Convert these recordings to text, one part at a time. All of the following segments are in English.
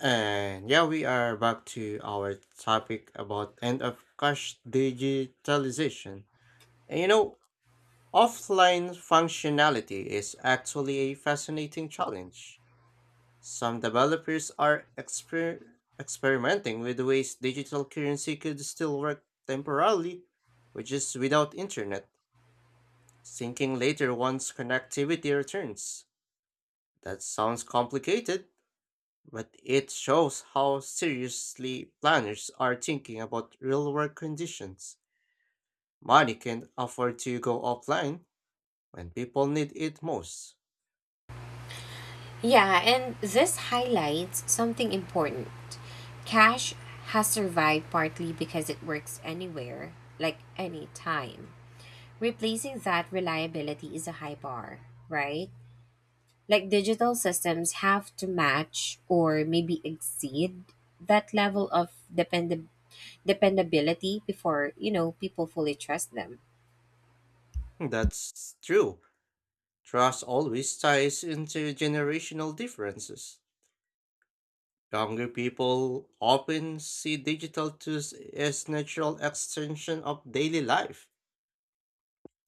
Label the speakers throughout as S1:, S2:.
S1: And yeah, we are back to our topic about end of cash digitalization. And you know, offline functionality is actually a fascinating challenge. Some developers are exper- Experimenting with ways digital currency could still work temporarily, which is without internet, thinking later once connectivity returns. That sounds complicated, but it shows how seriously planners are thinking about real world conditions. Money can afford to go offline when people need it most.
S2: Yeah, and this highlights something important. Cash has survived partly because it works anywhere, like any time. Replacing that reliability is a high bar, right? Like digital systems have to match or maybe exceed that level of dependability before, people fully trust them.
S1: That's true. Trust always ties into generational differences. Younger people often see digital tools as natural extension of daily life,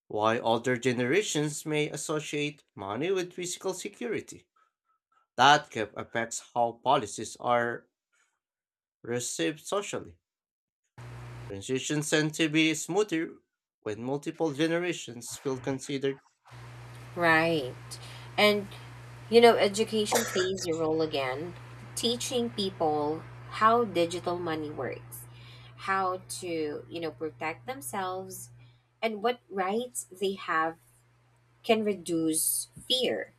S1: while older generations may associate money with physical security. That gap affects how policies are received socially, transitions tend to be smoother when multiple generations feel considered.
S2: Right. And, education plays a role again, teaching people how digital money works, how to, protect themselves, and what rights they have can reduce fear.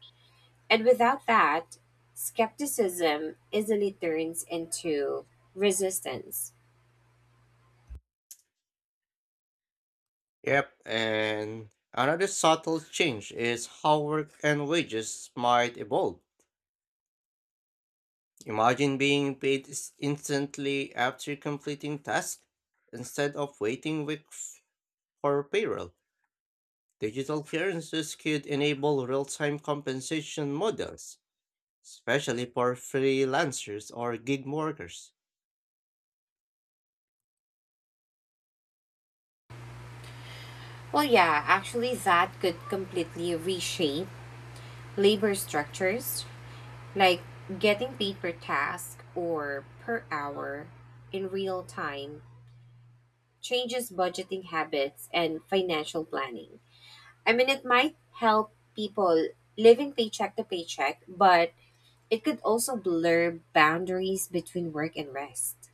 S2: And without that, skepticism easily turns into resistance.
S1: Yep, and another subtle change is how work and wages might evolve. Imagine being paid s- Instantly after completing tasks instead of waiting weeks for payroll. Digital currencies could enable real time compensation models, especially for freelancers or gig workers.
S2: Well, yeah, actually, that could completely reshape labor structures. Like getting paid per task or per hour in real time changes budgeting habits and financial planning. I mean, it might help people living paycheck to paycheck, but it could also blur boundaries between work and rest.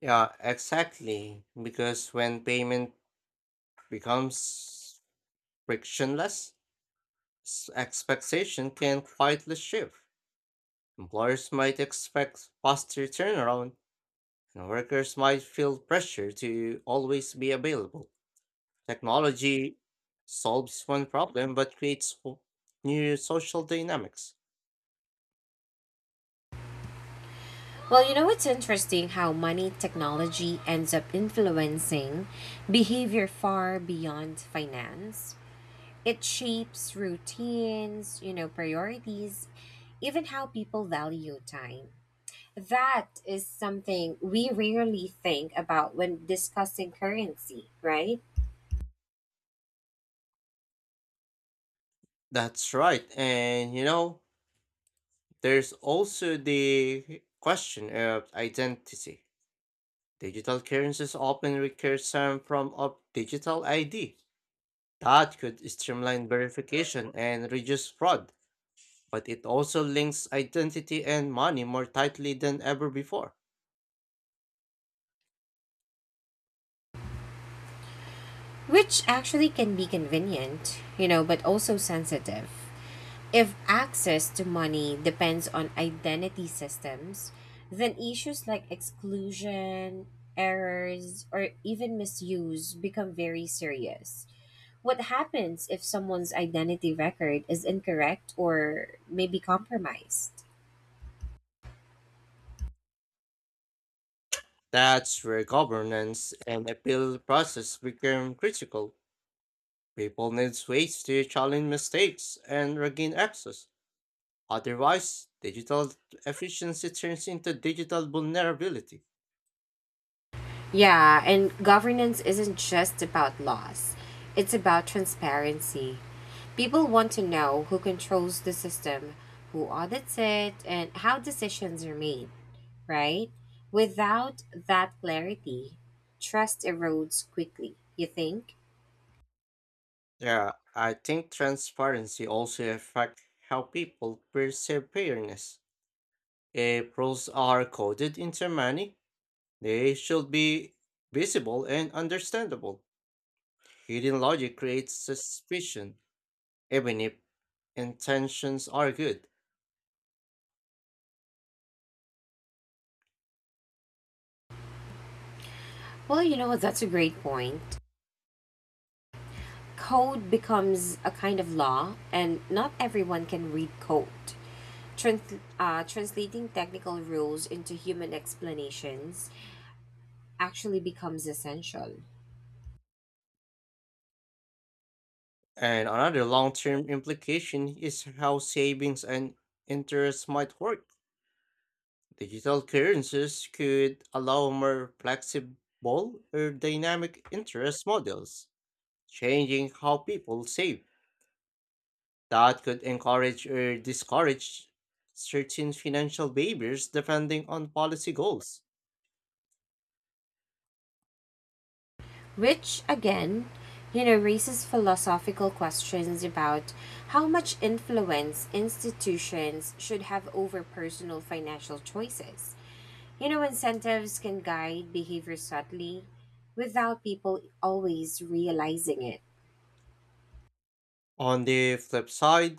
S1: Yeah, exactly. Because when payment becomes frictionless, expectation can quietly shift. Employers might expect faster turnaround, and workers might feel pressure to always be available. Technology solves one problem but creates new social dynamics.
S2: Well, it's interesting how money technology ends up influencing behavior far beyond finance. It shapes routines, priorities, even how people value time. That is something we rarely think about when discussing currency, right?
S1: That's right. And you know, there's also the question of identity. Digital currencies often require some form of digital ID that could streamline verification and reduce fraud, but it also links identity and money more tightly than ever before.
S2: Which actually can be convenient, but also sensitive. If access to money depends on identity systems, then issues like exclusion, errors, or even misuse become very serious. What happens if someone's identity record is incorrect or maybe compromised?
S1: That's where governance and appeal process become critical. People need ways to challenge mistakes and regain access. Otherwise, digital efficiency turns into digital vulnerability.
S2: Yeah, and governance isn't just about laws, it's about transparency. People want to know who controls the system, who audits it, and how decisions are made, right? Without that clarity, trust erodes quickly, you think?
S1: Yeah, I think transparency also affects how people perceive fairness. If rules are coded into money, they should be visible and understandable. Hidden logic creates suspicion, even if intentions are good.
S2: Well, that's a great point. Code becomes a kind of law, and not everyone can read code. Translating technical rules into human explanations actually becomes essential,
S1: And another long term implication is how savings and interest might work. Digital currencies could allow more flexible or dynamic interest models changing how people save. That could encourage or discourage certain financial behaviors depending on policy goals.
S2: which again, raises philosophical questions about how much influence institutions should have over personal financial choices. You know incentives can guide behavior subtly without people always realizing it.
S1: On the flip side,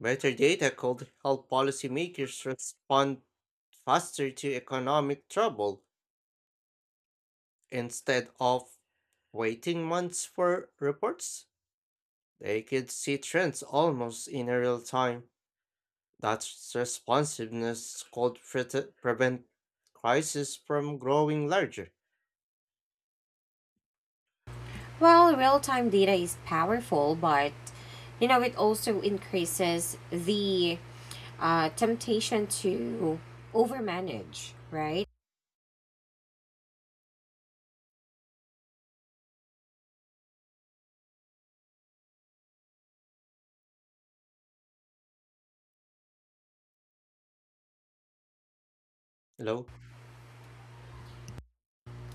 S1: better data could help policymakers respond faster to economic trouble instead of waiting months for reports. They could see trends almost in real time. That responsiveness could prete- prevent crises from growing larger.
S2: Well, real time data is powerful, but it also increases the temptation to overmanage, right?
S1: Hello.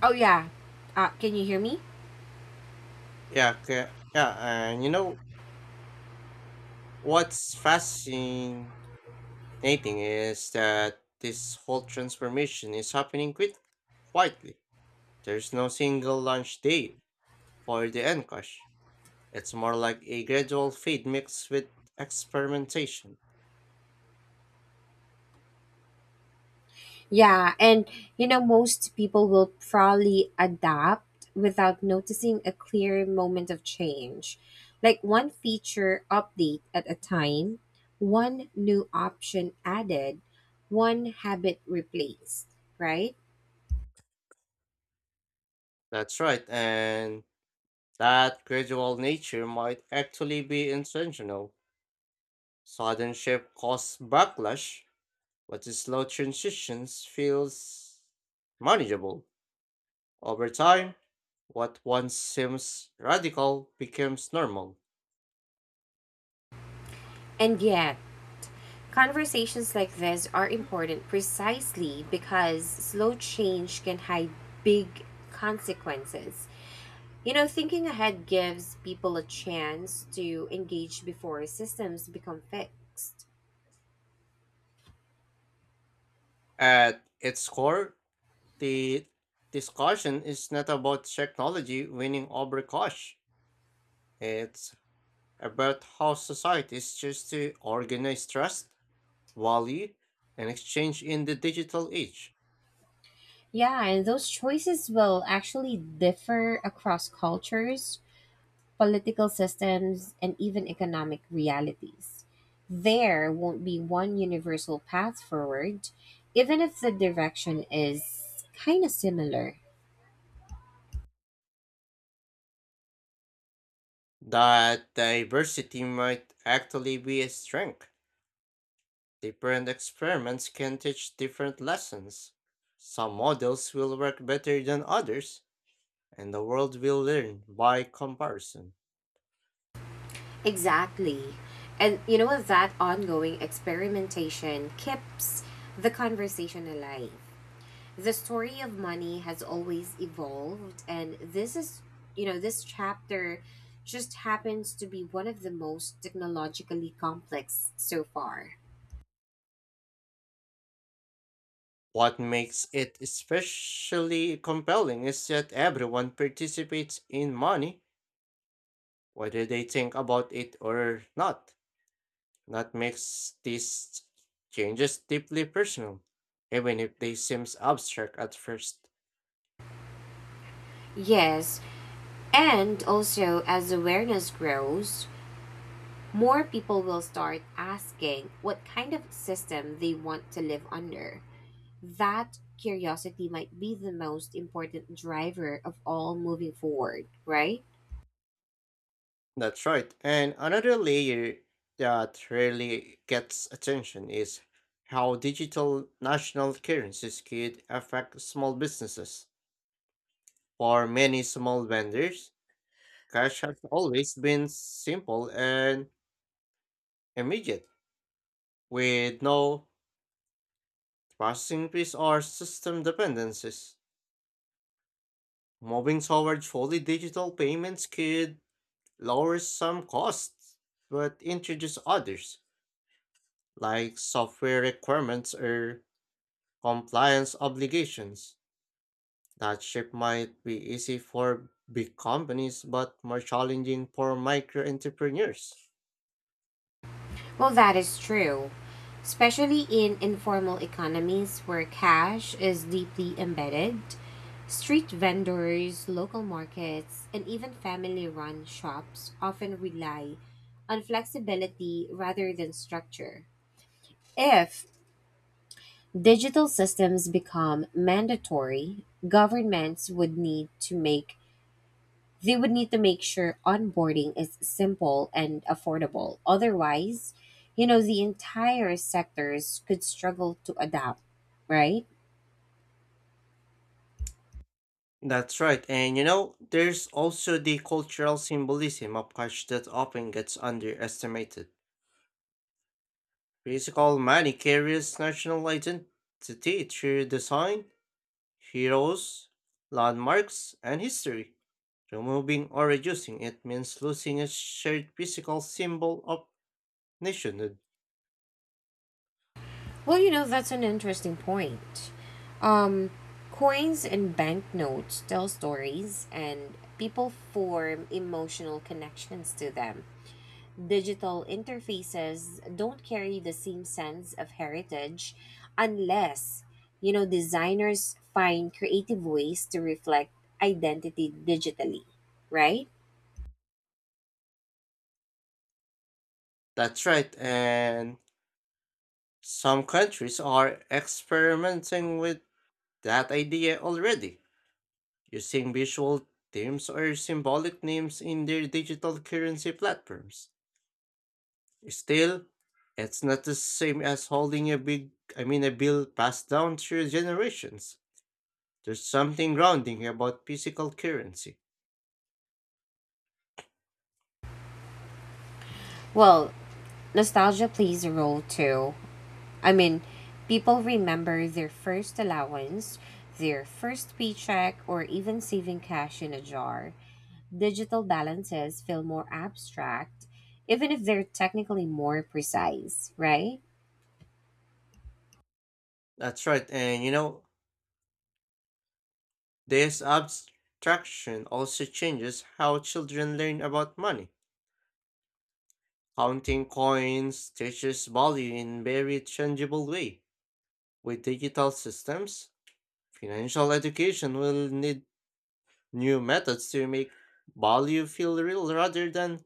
S2: Oh, yeah. Can you hear me?
S1: Yeah, and you know what's fascinating is that this whole transformation is happening quite quietly. There's no single launch day for the Encash. It's more like a gradual fade mixed with experimentation.
S2: Yeah. And most people will probably adapt without noticing a clear moment of change. Like one feature update at a time, one new option added, one habit replaced, right?
S1: That's right, and that gradual nature might actually be intentional. Sudden shift causes backlash, but the slow transitions feels manageable. Over time, what once seems radical becomes normal.
S2: And yet, conversations like this are important precisely because slow change can hide big consequences. You know, thinking ahead gives people a chance to engage before systems become fixed.
S1: At its core, the discussion is not about technology winning over cash. It's about how societies choose to organize trust, value, and exchange in the digital age.
S2: Yeah, and those choices will actually differ across cultures, political systems, and even economic realities. There won't be one universal path forward, even if the direction is kind of similar.
S1: That diversity might actually be a strength. Different experiments can teach different lessons. Some models will work better than others, and the world will learn by comparison.
S2: Exactly. And you know what? That ongoing experimentation keeps the conversation alive. The story of money has always evolved, and this is, this chapter just happens to be one of the most technologically complex so far.
S1: What makes it especially compelling is that everyone participates in money, whether they think about it or not. That makes these changes deeply personal, even if they seem abstract at first.
S2: Yes. And also, as awareness grows, more people will start asking what kind of system they want to live under. That curiosity might be the most important driver of all moving forward, right?
S1: That's right. And another layer that really gets attention is how digital national currencies could affect small businesses. For many small vendors, cash has always been simple and immediate, with no processing fees or system dependencies. Moving toward fully digital payments could lower some costs, but introduce others, like software requirements or compliance obligations. That shift might be easy for big companies, but more challenging for micro entrepreneurs.
S2: Well, that is true, especially in informal economies where cash is deeply embedded. Street vendors, local markets, and even family run shops often rely on flexibility rather than structure. If digital systems become mandatory, governments would need to make they would need to make sure onboarding is simple and affordable. Otherwise, the entire sectors could struggle to adapt, right?
S1: That's right, and you know, there's also the cultural symbolism of cash that often gets underestimated. Physical money carries national identity through design, heroes, landmarks, and history. Removing or reducing it means losing a shared physical symbol of nationhood.
S2: Well, that's an interesting point. Um, Coins and banknotes tell stories, and people form emotional connections to them. Digital interfaces don't carry the same sense of heritage unless, designers find creative ways to reflect identity digitally, right?
S1: That's right, and some countries are experimenting with that idea already, using visual themes or symbolic names in their digital currency platforms. Still, it's not the same as holding a big, I mean, a bill passed down through generations. There's something grounding about physical currency.
S2: Well, nostalgia plays a role too. I mean, people remember their first allowance, their first paycheck, or even saving cash in a jar. Digital balances feel more abstract, even if they're technically more precise, right?
S1: That's right, and you know, this abstraction also changes how children learn about money. Counting coins teaches value in very tangible way. With digital systems, financial education will need new methods to make value feel real rather than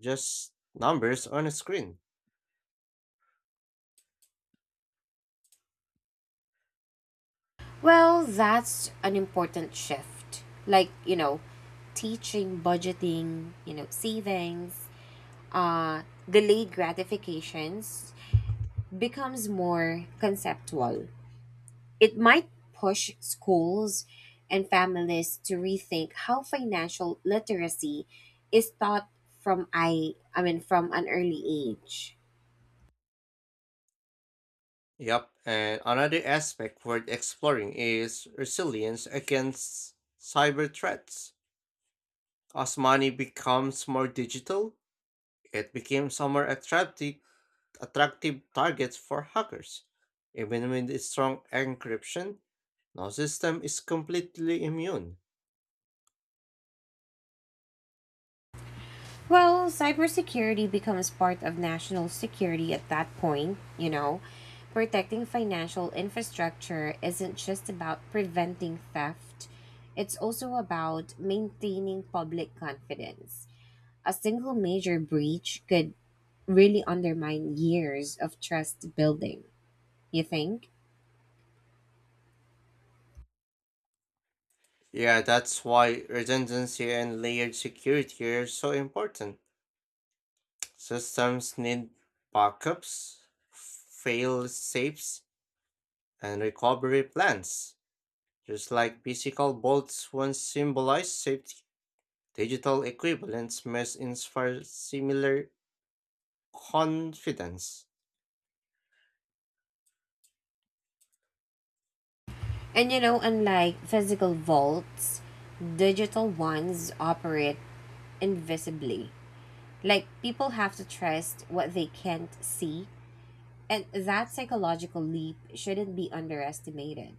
S1: just numbers on a screen.
S2: Well, that's an important shift. Like, teaching budgeting, savings, uh, delayed gratifications, becomes more conceptual. It might push schools and families to rethink how financial literacy is taught from I mean from an early age.
S1: Yep, and another aspect worth exploring is resilience against cyber threats. As money becomes more digital, it becomes a more attractive target for hackers. Even with its strong encryption, no system is completely immune.
S2: Well, cybersecurity becomes part of national security at that point, you know. Protecting financial infrastructure isn't just about preventing theft, it's also about maintaining public confidence. A single major breach could really undermine years of trust building, you think?
S1: Yeah, that's why redundancy and layered security are so important. Systems need backups, fail safes, and recovery plans. Just like physical bolts once symbolized safety, digital equivalents must inspire similar confidence.
S2: And unlike physical vaults, digital ones operate invisibly. Like people have to trust what they can't see. And that psychological leap shouldn't be underestimated.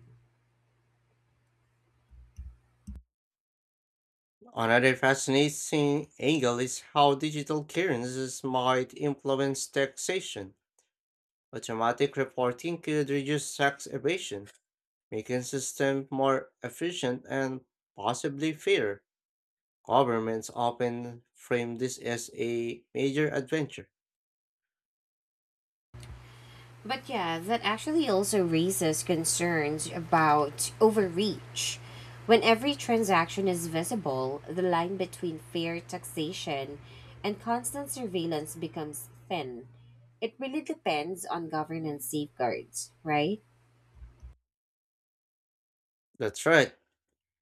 S1: Another fascinating angle is how digital currencies might influence taxation. Automatic reporting could reduce tax evasion, making systems more efficient and possibly fairer. Governments often frame this as a major adventure.
S2: But yeah, that actually also raises concerns about overreach. When every transaction is visible, the line between fair taxation and constant surveillance becomes thin. It really depends on governance safeguards, right?
S1: That's right.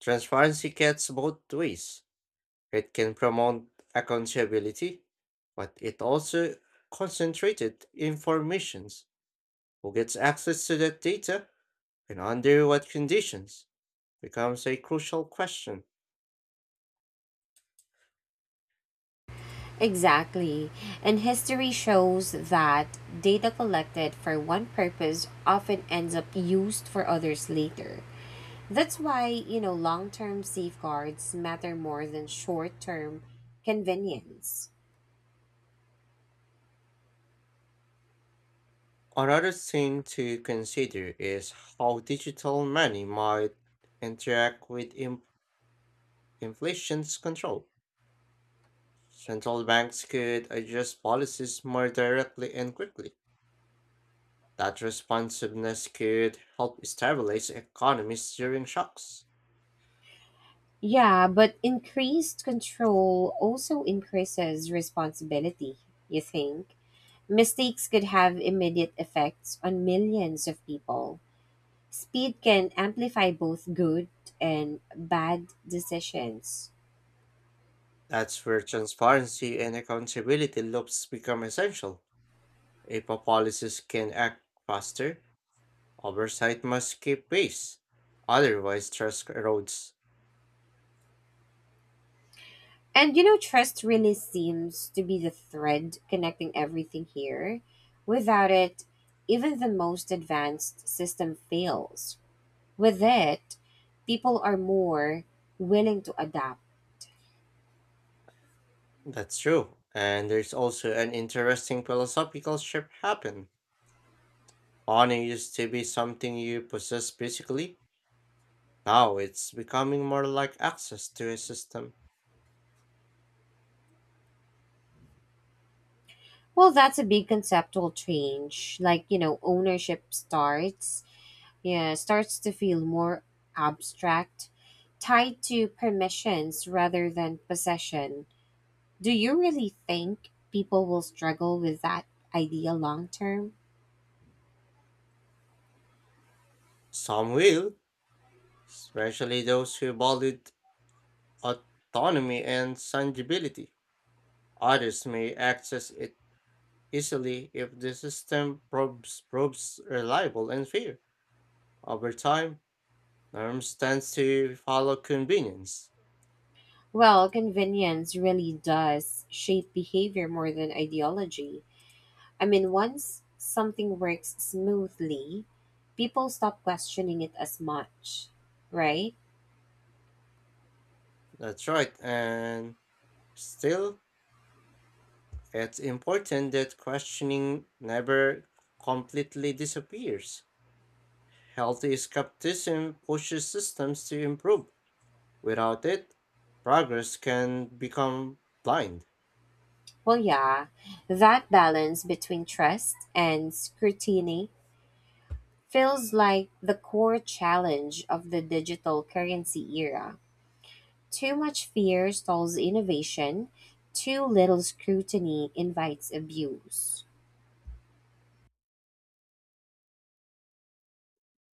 S1: Transparency cuts both ways. It can promote accountability, but it also concentrated informations. Who gets access to that data and under what conditions becomes a crucial question.
S2: Exactly. And history shows that data collected for one purpose often ends up used for others later. That's why, long term safeguards matter more than short term convenience.
S1: Another thing to consider is how digital money might interact with in- inflation's control. Central banks could adjust policies more directly and quickly. That responsiveness could help stabilize economies during shocks.
S2: Yeah, but increased control also increases responsibility, you think? Mistakes could have immediate effects on millions of people. Speed can amplify both good and bad decisions.
S1: That's where transparency and accountability loops become essential. If a policies can act faster, oversight must keep pace. Otherwise, trust erodes.
S2: And trust really seems to be the thread connecting everything here. Without it, even the most advanced system fails. With it, people are more willing to adapt.
S1: That's true. And there's also an interesting philosophical shift happen. Honor used to be something you possess physically, now it's becoming more like access to a system.
S2: Well, that's a big conceptual change. Like, ownership starts to feel more abstract, tied to permissions rather than possession. Do you really think people will struggle with that idea long term?
S1: Some will, especially those who valued autonomy and tangibility. Others may access it easily if the system proves reliable and fair. Over time, norms tend to follow convenience.
S2: Well, convenience really does shape behavior more than ideology. I mean, once something works smoothly, people stop questioning it as much, right?
S1: That's right, and still, it's important that questioning never completely disappears. Healthy skepticism pushes systems to improve. Without it, progress can become blind,
S2: Well, yeah, that balance between trust and scrutiny feels like the core challenge of the digital currency era. Too much fear stalls innovation, too little scrutiny invites abuse.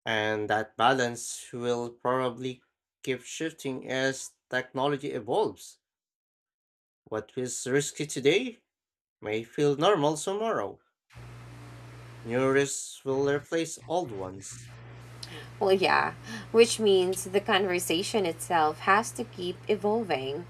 S1: and that balance will probably keep shifting as technology evolves. What feels risky today may feel normal tomorrow. New risks will replace old ones,
S2: Well, yeah, which means the conversation itself has to keep evolving.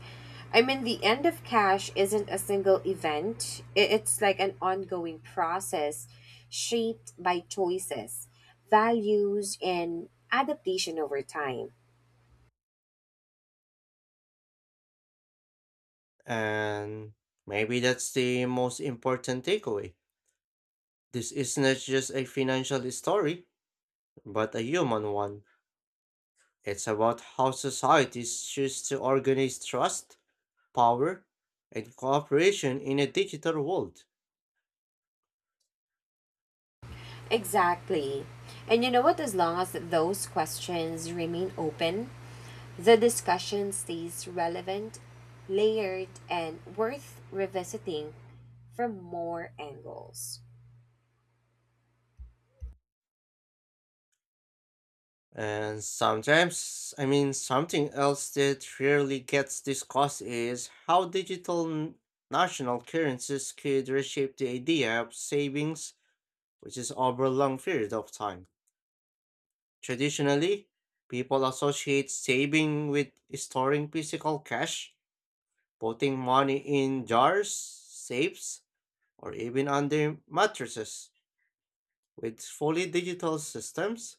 S2: I mean, the end of cash isn't a single event, it's like an ongoing process shaped by choices, values, and adaptation over time.
S1: and maybe that's the most important takeaway. This is not just a financial story, but a human one. It's about how societies choose to organize trust, power, and cooperation in a digital world.
S2: Exactly. And you know what? As long as those questions remain open, the discussion stays relevant, layered, and worth revisiting from more angles.
S1: And sometimes, I mean, something else that rarely gets discussed is how national currencies could reshape the idea of savings, which is over a long period of time. Traditionally, people associate saving with storing physical cash, putting money in jars, safes, or even under mattresses with fully digital systems,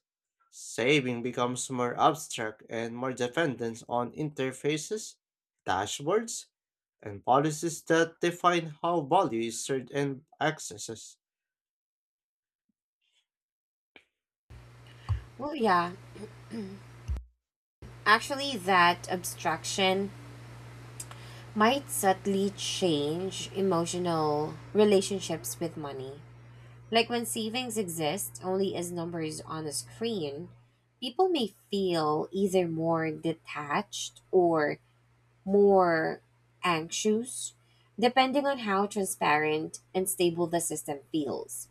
S1: saving becomes more abstract and more dependent on interfaces, dashboards, and policies that define how value is served and accesses.
S2: Well, yeah, actually, that abstraction might subtly change emotional relationships with money. Like when savings exist only as numbers on a screen, people may feel either more detached or more anxious, depending on how transparent and stable the system feels.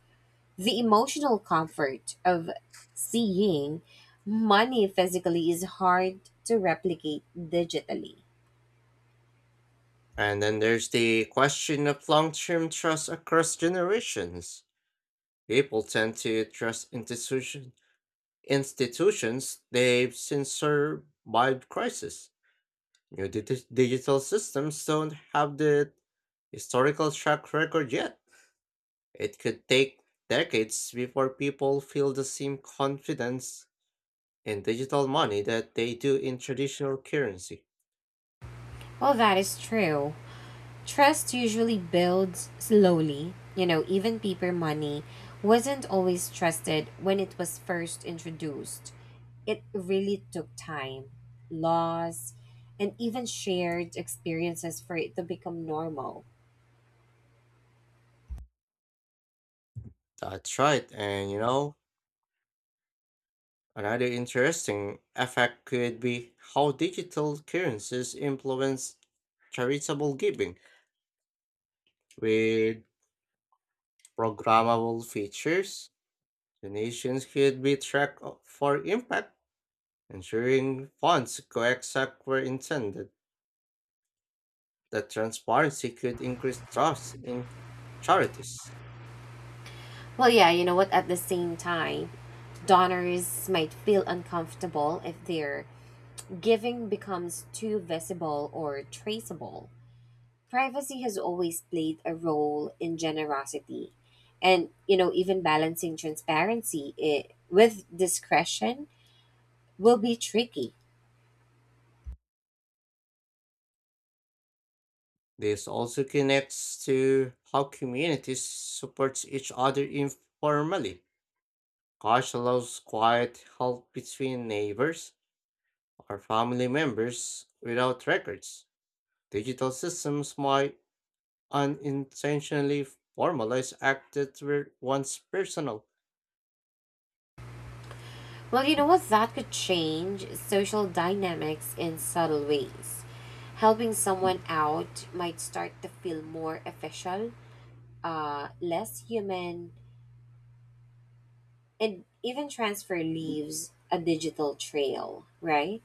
S2: The emotional comfort of seeing money physically is hard to replicate digitally.
S1: And then there's the question of long term trust across generations. People tend to institutions they've since survived crisis. Digital systems don't have the historical track record yet. It could take decades before people feel the same confidence in digital money that they do in traditional currency.
S2: Well, that is true. Trust usually builds slowly. You know, even paper money wasn't always trusted when it was first introduced. It really took time, loss, and even shared experiences for it to become normal.
S1: That's right, and you know, another interesting effect could be how digital currencies influence charitable giving with programmable features. Donations could be tracked o- for impact, ensuring funds go exact where intended. That transparency could increase trust in charities.
S2: Well, yeah, you know what? At the same time, donors might feel uncomfortable if their giving becomes too visible or traceable. Privacy has always played a role in generosity, and you know, even balancing transparency I with discretion will be tricky.
S1: This also connects to how communities support each other informally. Cash allows quiet help between neighbors or family members without records. Digital systems might unintentionally formalize acts that were once personal.
S2: Well, you know what? That could change social dynamics in subtle ways. Helping someone out might start to feel more official, less human, and even transfer leaves a digital trail, right?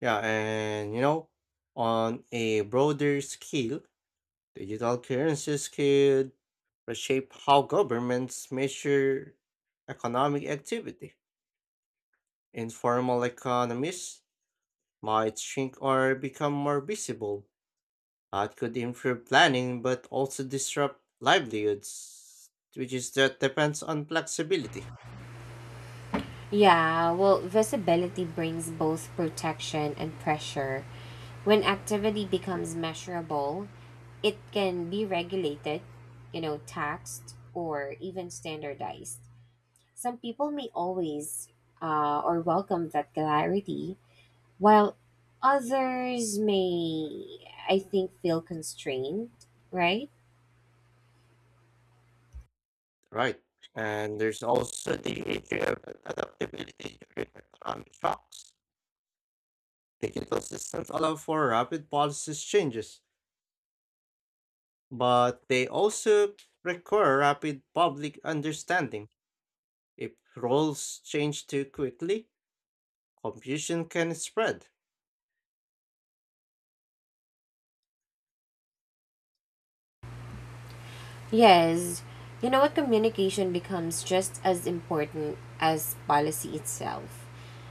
S1: Yeah, and you know, on a broader scale, digital currencies could reshape how governments measure economic activity. Informal economies might shrink or become more visible. That could improve planning but also disrupt livelihoods, which is that depends on flexibility.
S2: Yeah, well, visibility brings both protection and pressure. When activity becomes measurable, it can be regulated, taxed, or even standardized. Some people may always or welcome that clarity, while others may, I think, feel constrained, right?
S1: Right. And there's also the issue of adaptability during economic shocks. Digital systems allow for rapid policy changes but they also require rapid public understanding. If roles change too quickly, confusion can spread.
S2: Yes, you know what? Communication becomes just as important as policy itself.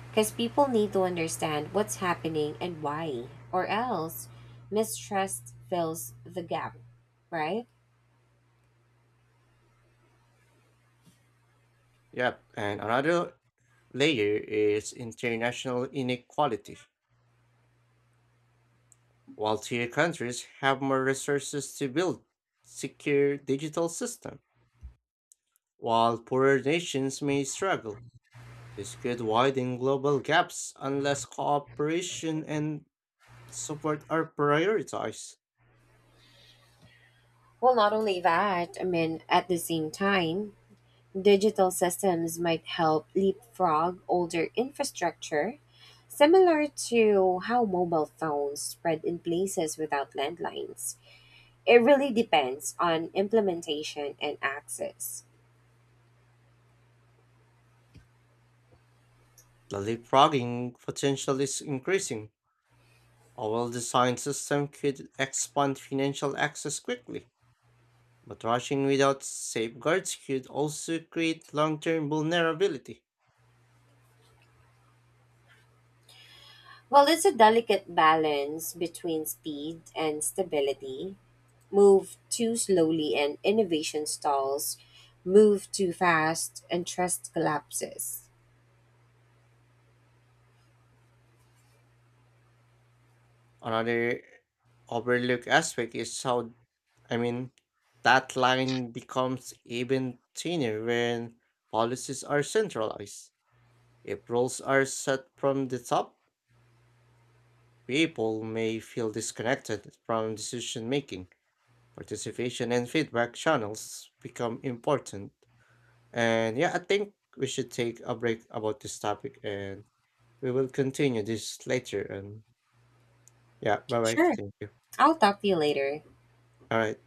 S2: Because people need to understand what's happening and why, or else mistrust fills the gap, right?
S1: Yep, and another layer is international inequality. While tier countries have more resources to build secure digital systems, while poorer nations may struggle. This could widen global gaps unless cooperation and support are prioritized.
S2: Well, not only that, I mean, at the same time, digital systems might help leapfrog older infrastructure, similar to how mobile phones spread in places without landlines. It really depends on implementation and access.
S1: The leapfrogging potential is increasing. A well designed system could expand financial access quickly, but rushing without safeguards could also create long term vulnerability.
S2: Well, it's a delicate balance between speed and stability. Move too slowly and innovation stalls. Move too fast and trust collapses.
S1: Another overlooked aspect is how, I mean, that line becomes even thinner when policies are centralized. If rules are set from the top, people may feel disconnected from decision making participation and feedback channels become important. And yeah, I think we should take a break about this topic and we will continue this later. And yeah, bye bye.
S2: Sure.
S1: Thank you.
S2: I'll talk to you later.
S1: All right.